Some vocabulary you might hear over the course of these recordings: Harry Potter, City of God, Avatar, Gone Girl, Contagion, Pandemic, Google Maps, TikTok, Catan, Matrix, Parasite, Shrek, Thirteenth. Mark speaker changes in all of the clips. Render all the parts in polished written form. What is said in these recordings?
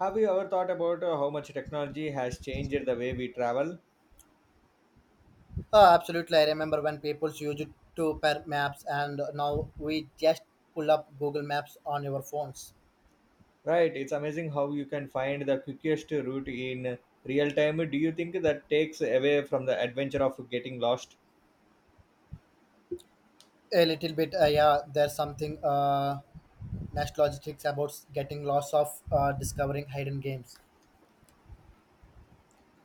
Speaker 1: Have you ever thought about how much technology has changed the way we travel?
Speaker 2: Oh, absolutely. I remember when people used to pair maps, and now we just pull up Google Maps on your phones.
Speaker 1: Right, it's amazing how you can find the quickest route in real time. Do you think that takes away from the adventure of getting lost?
Speaker 2: A little bit, yeah, there's something nostalgic about getting lost of discovering hidden games.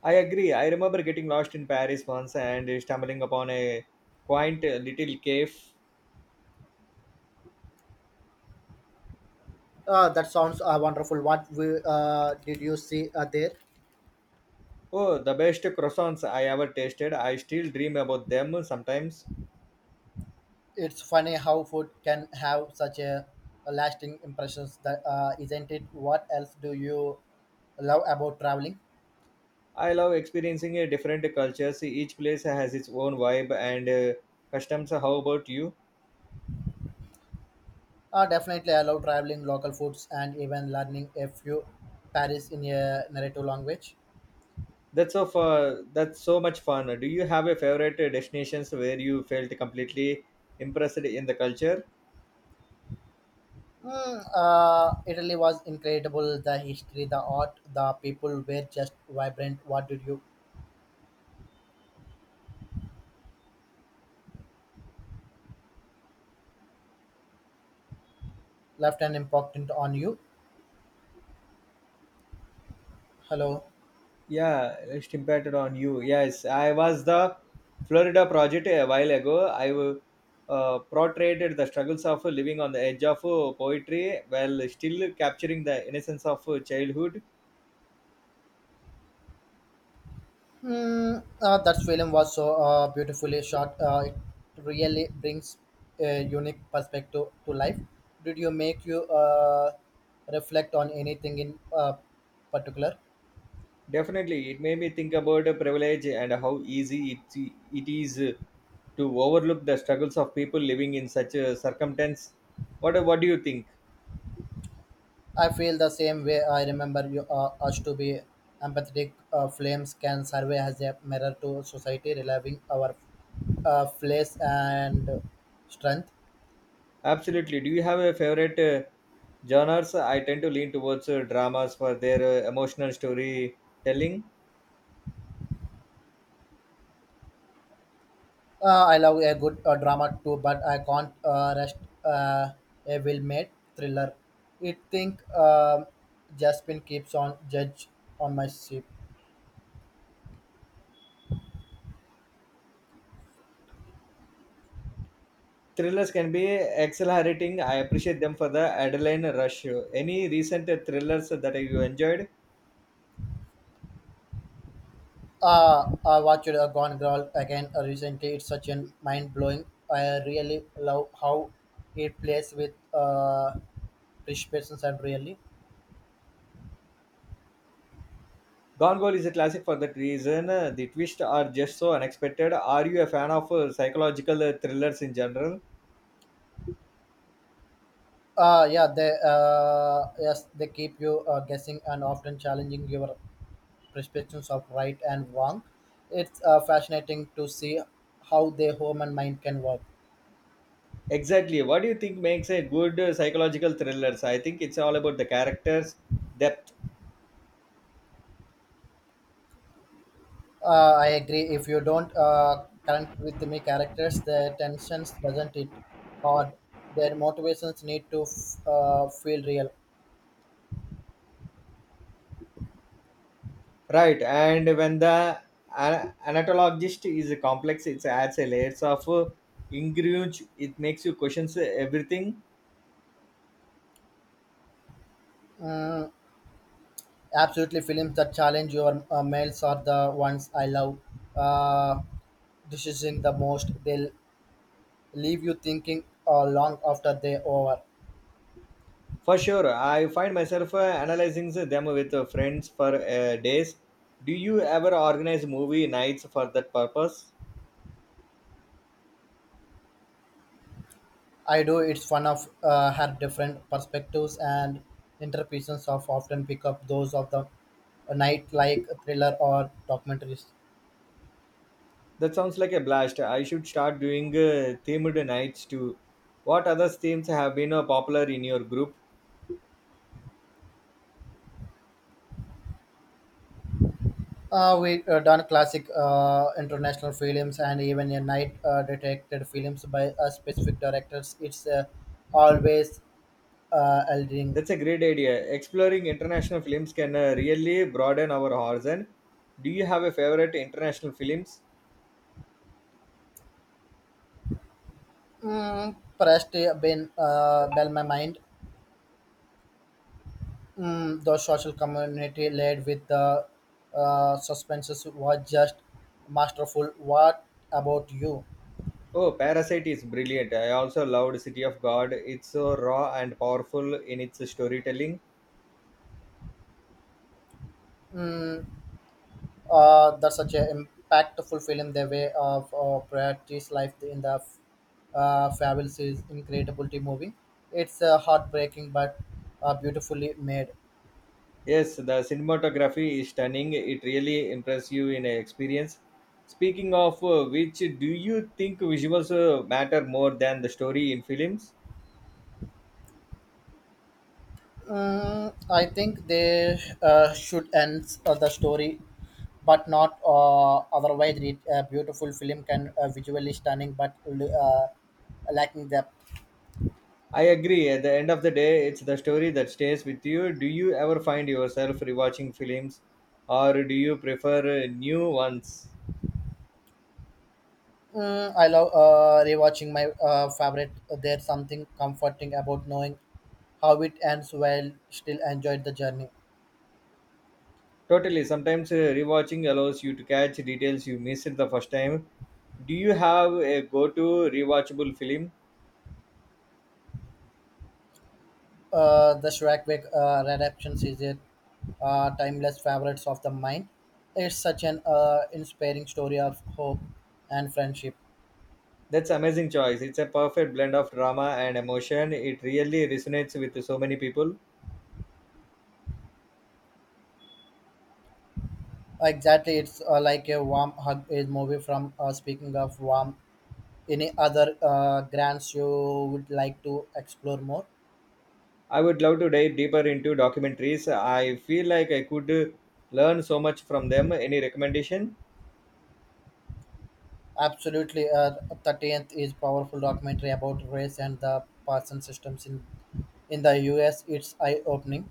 Speaker 1: I agree. I remember getting lost in Paris once and stumbling upon a quaint little cave.
Speaker 2: That sounds wonderful. What we, did you see there?
Speaker 1: Oh, the best croissants I ever tasted. I still dream about them sometimes.
Speaker 2: It's funny how food can have such a lasting impressions. That isn't it? What else do you love about traveling?
Speaker 1: I love experiencing different cultures. Each place has its own vibe and customs. How about you?
Speaker 2: Definitely, I love traveling, local foods, and even learning a few Paris in a narrative language.
Speaker 1: That's so far, that's so much fun. Do you have a favorite destinations where you felt completely impressed in the culture?
Speaker 2: Italy was incredible. The history, the art, the people were just vibrant. What did you left an impact on you? Hello.
Speaker 1: Yeah, it impacted on you. Yes, I was the Florida project a while ago. I portrayed the struggles of living on the edge of poetry while still capturing the innocence of childhood.
Speaker 2: That film was so beautifully shot. It really brings a unique perspective to life. Did you make you reflect on anything in particular?
Speaker 1: Definitely, it made me think about privilege and how easy it is to overlook the struggles of people living in such a circumstance. What do you think?
Speaker 2: I feel the same way. I remember you us to be empathetic. Flames can serve as a mirror to society, relieving our flaws and strength.
Speaker 1: Absolutely. Do you have a favorite genres? I tend to lean towards dramas for their emotional storytelling.
Speaker 2: I love a good drama too, but I can't rest uh, a well-made thriller. It think Jaspin keeps on judge on my ship.
Speaker 1: Thrillers can be exhilarating. I appreciate them for the adrenaline rush. Any recent thrillers that you enjoyed?
Speaker 2: I watched Gone Girl again recently. It's such a mind blowing. I really love how it plays with rich persons and really.
Speaker 1: Gone Girl is a classic for that reason. The twists are just so unexpected. Are you a fan of psychological thrillers in general?
Speaker 2: Yeah, they yes they keep you guessing and often challenging your perceptions of right and wrong. It's fascinating to see how the human mind can work.
Speaker 1: Exactly. What do you think makes a good psychological thrillers? I think it's all about the characters, depth.
Speaker 2: I agree. If you don't connect with me characters, their tensions doesn't it hard. Their motivations need to feel real.
Speaker 1: Right, and when the anatologist is complex, it adds a layers of ingredients. It makes you questions everything.
Speaker 2: Mm, absolutely, films that challenge your males are the ones I love. Uh, decision the most. They'll leave you thinking long after they over.
Speaker 1: For sure, I find myself analyzing them with friends for days. Do you ever organize movie nights for that purpose?
Speaker 2: I do. It's fun of have different perspectives and interpretations of often pick up those of the night like thriller or documentaries.
Speaker 1: That sounds like a blast. I should start doing themed nights too. What other themes have been popular in your group?
Speaker 2: We done classic international films and even a night detected films by specific directors. It's always eldering.
Speaker 1: That's a great idea. Exploring international films can really broaden our horizon. Do you have a favorite international films?
Speaker 2: Pressed been bell my mind. The social community led with the suspenses was just masterful. What about you?
Speaker 1: Oh, Parasite is brilliant. I also loved City of God. It's so raw and powerful in its storytelling.
Speaker 2: Mm, that's such an impactful film. The way of Prayati's life in the fabulous is incredible to movie. It's heartbreaking but beautifully made.
Speaker 1: Yes, the cinematography is stunning. It really impresses you in a experience. Speaking of which, do you think visuals matter more than the story in films?
Speaker 2: I think they should end the story, but not otherwise. It, a beautiful film can visually stunning but lacking depth.
Speaker 1: I agree. At the end of the day, it's the story that stays with you. Do you ever find yourself rewatching films or do you prefer new ones?
Speaker 2: I love rewatching my favorite. There's something comforting about knowing how it ends while still enjoyed the journey.
Speaker 1: Totally. Sometimes rewatching allows you to catch details you missed the first time. Do you have a go to rewatchable film?
Speaker 2: The Shrek Wake adaptations is a timeless favorites of the mind. It's such an inspiring story of hope and friendship.
Speaker 1: That's amazing choice. It's a perfect blend of drama and emotion. It really resonates with so many people.
Speaker 2: Exactly, it's like a warm hug is movie from speaking of warm. Any other grants you would like to explore more?
Speaker 1: I would love to dive deeper into documentaries. I feel like I could learn so much from them. Any recommendation?
Speaker 2: Absolutely, 13th is powerful documentary about race and the parson systems in the U.S. It's eye opening.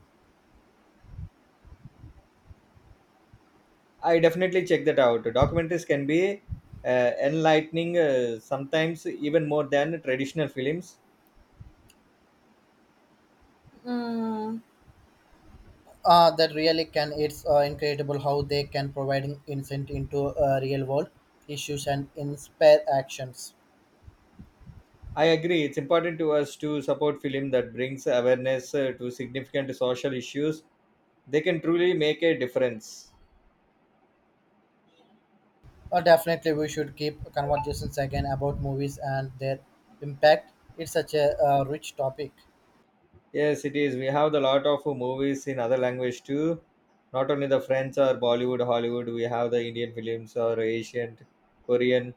Speaker 1: I definitely check that out. Documentaries can be enlightening, sometimes even more than traditional films.
Speaker 2: That really can. It's incredible how they can providing insight into real world issues and inspire actions.
Speaker 1: I agree. It's important to us to support film that brings awareness to significant social issues. They can truly make a difference.
Speaker 2: Definitely, we should keep conversations again about movies and their impact. It's such a rich topic.
Speaker 1: Yes, it is. We have a lot of movies in other language too. Not only the French or Bollywood, Hollywood. We have the Indian films or Asian, Korean.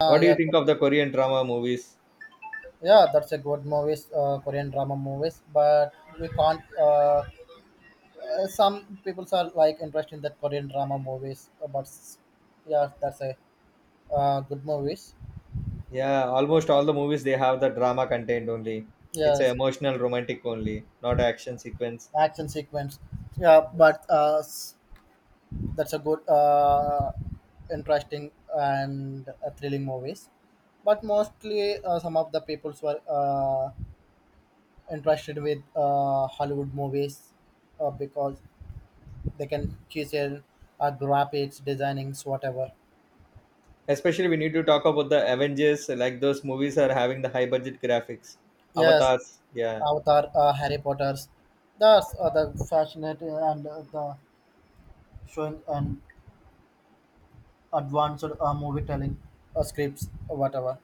Speaker 2: Uh,
Speaker 1: What do you
Speaker 2: yeah,
Speaker 1: think of the Korean drama movies?
Speaker 2: yeah, that's a good movies, Korean drama movies, but we can't Some people are like interested in that Korean drama movies, but yeah, that's a good movies.
Speaker 1: Yeah, almost
Speaker 2: uh,
Speaker 1: all the movies they have the drama content only. It's a
Speaker 2: Yes,
Speaker 1: emotional romantic only, not action sequence.
Speaker 2: action sequence. Yeah,
Speaker 1: Yes.
Speaker 2: but that's a good, interesting and thrilling movies. But mostly, some of the peoples were interested with Hollywood movies because they can choose a graphics, designings, whatever.
Speaker 1: Especially we need to talk about the Avengers, like those movies are having the high budget graphics.
Speaker 2: Yes,
Speaker 1: Avatars, yeah.
Speaker 2: Avatar, Harry Potter's. That's the fascinating and the showing and advanced movie telling scripts, or whatever.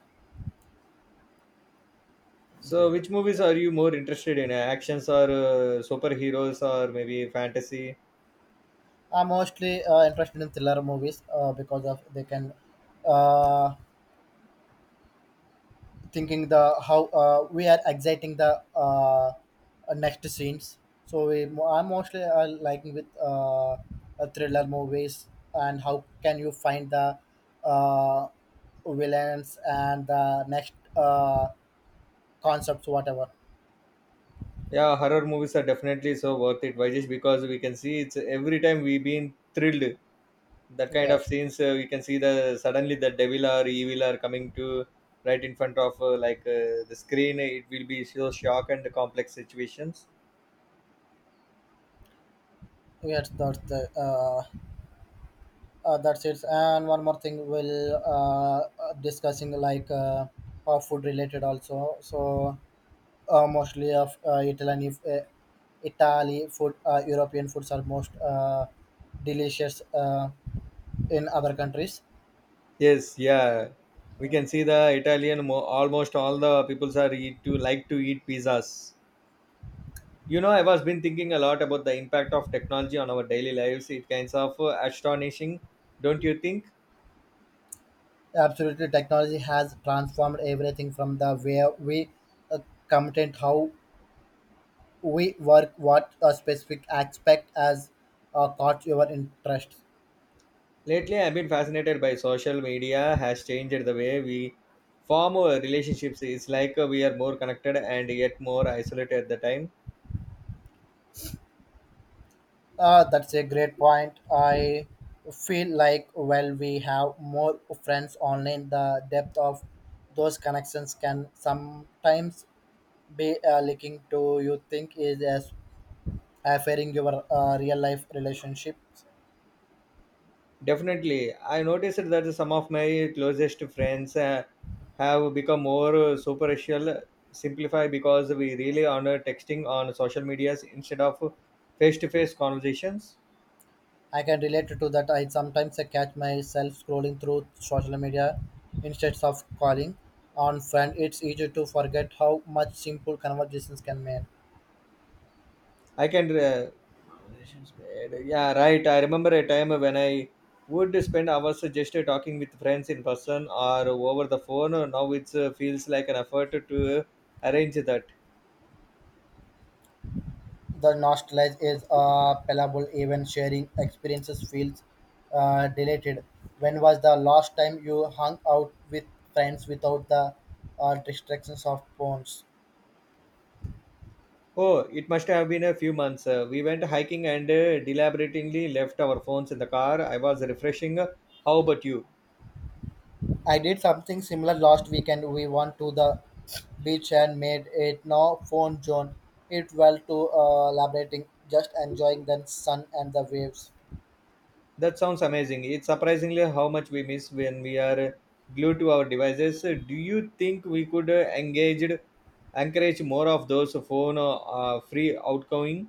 Speaker 1: So which movies are you more interested in? Actions or superheroes or maybe fantasy?
Speaker 2: I'm mostly interested in thriller movies because of they can uh, thinking the how we are exciting the next scenes. So we, I'm mostly liking with thriller movies and how can you find the uh, villains and the next concepts whatever.
Speaker 1: Yeah, horror movies are definitely so worth it. Why just because we can see it's every time we've been thrilled that kind
Speaker 2: Yeah,
Speaker 1: of scenes we can see the suddenly the devil or evil are coming to right in front of the screen it will be so shock and complex situations,
Speaker 2: yes, that's the that's it. And one more thing, we'll discussing like food related also. So mostly of Italian if, Italy food, European foods are most delicious in other countries.
Speaker 1: yes, yeah, we can see the Italian almost all the peoples are eat to like to eat pizzas. You know, I was been thinking a lot about the impact of technology on our daily lives. It kinds of astonishing, don't you think?
Speaker 2: Absolutely, technology has transformed everything from the way we uh, content, how we work, what a specific aspect has caught your interest.
Speaker 1: Lately, I've been fascinated by social media has changed the way we form our relationships. It's like we are more connected and yet more isolated at the time.
Speaker 2: That's a great point. I feel like while we have more friends online, the depth of those connections can sometimes be looking to you think is as affairing your real life relationships.
Speaker 1: Definitely, I noticed that some of my closest friends have become more superficial, simplify because we really honor texting on social medias instead of face-to-face conversations.
Speaker 2: I can relate to that. I sometimes I catch myself scrolling through social media instead of calling on friend. It's easy to forget how much simple conversations can make.
Speaker 1: I can re- conversations made. Yeah, right. I remember a time when I would spend hours just talking with friends in person or over the phone. Now it feels like an effort to arrange that.
Speaker 2: The nostalgia is palpable, even sharing experiences feels deleted. When was the last time you hung out with friends without the distractions of phones?
Speaker 1: Oh, it must have been a few months. We went hiking and deliberately left our phones in the car. I was refreshing. How about you?
Speaker 2: I did something similar last weekend. We went to the beach and made it no phone zone. It well to elaborating, just enjoying the sun and the waves.
Speaker 1: That sounds amazing. It's surprisingly how much we miss when we are glued to our devices. Do you think we could encourage more of those phone free outgoing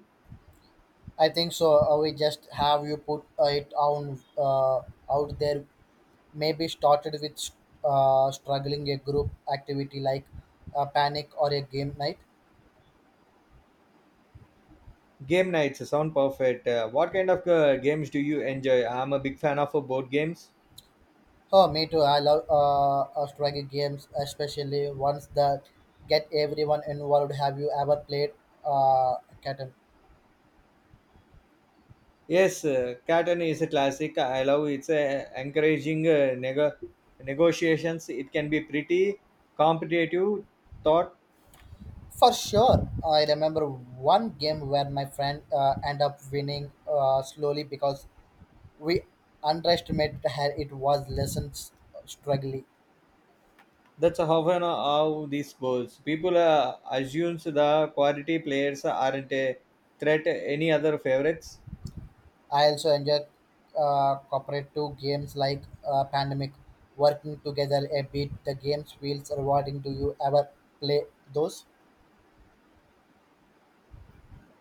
Speaker 2: I think so. We just have you put it on out there. Maybe started with struggling a group activity like a panic or a game night.
Speaker 1: game nights? Sound perfect. What kind of games do you enjoy? I'm a big fan of board games.
Speaker 2: Oh, me too. I love strategy games, especially ones that get everyone involved. Have you ever played uh, Catan?
Speaker 1: Yes, Catan is a classic. I love it's encouraging negotiations. It can be pretty competitive, thought.
Speaker 2: For sure. I remember one game where my friend ended up winning slowly because we underestimated how it was lessons struggling.
Speaker 1: That's often how this goes. People assumes the quality players aren't a threat. Any other favorites?
Speaker 2: I also enjoyed cooperative games like Pandemic. Working together a bit, the games feels rewarding. Do you ever play those?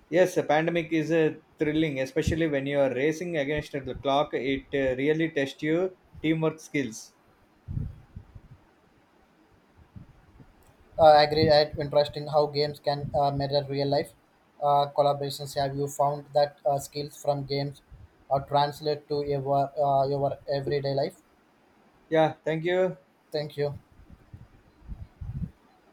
Speaker 1: Yes, a pandemic is thrilling, especially when you are racing against the clock. It really tests your teamwork skills.
Speaker 2: I agree. It's interesting how games can mirror real life collaborations. Have you found that skills from games are translate to your everyday life?
Speaker 1: Yeah, thank you.
Speaker 2: Thank you.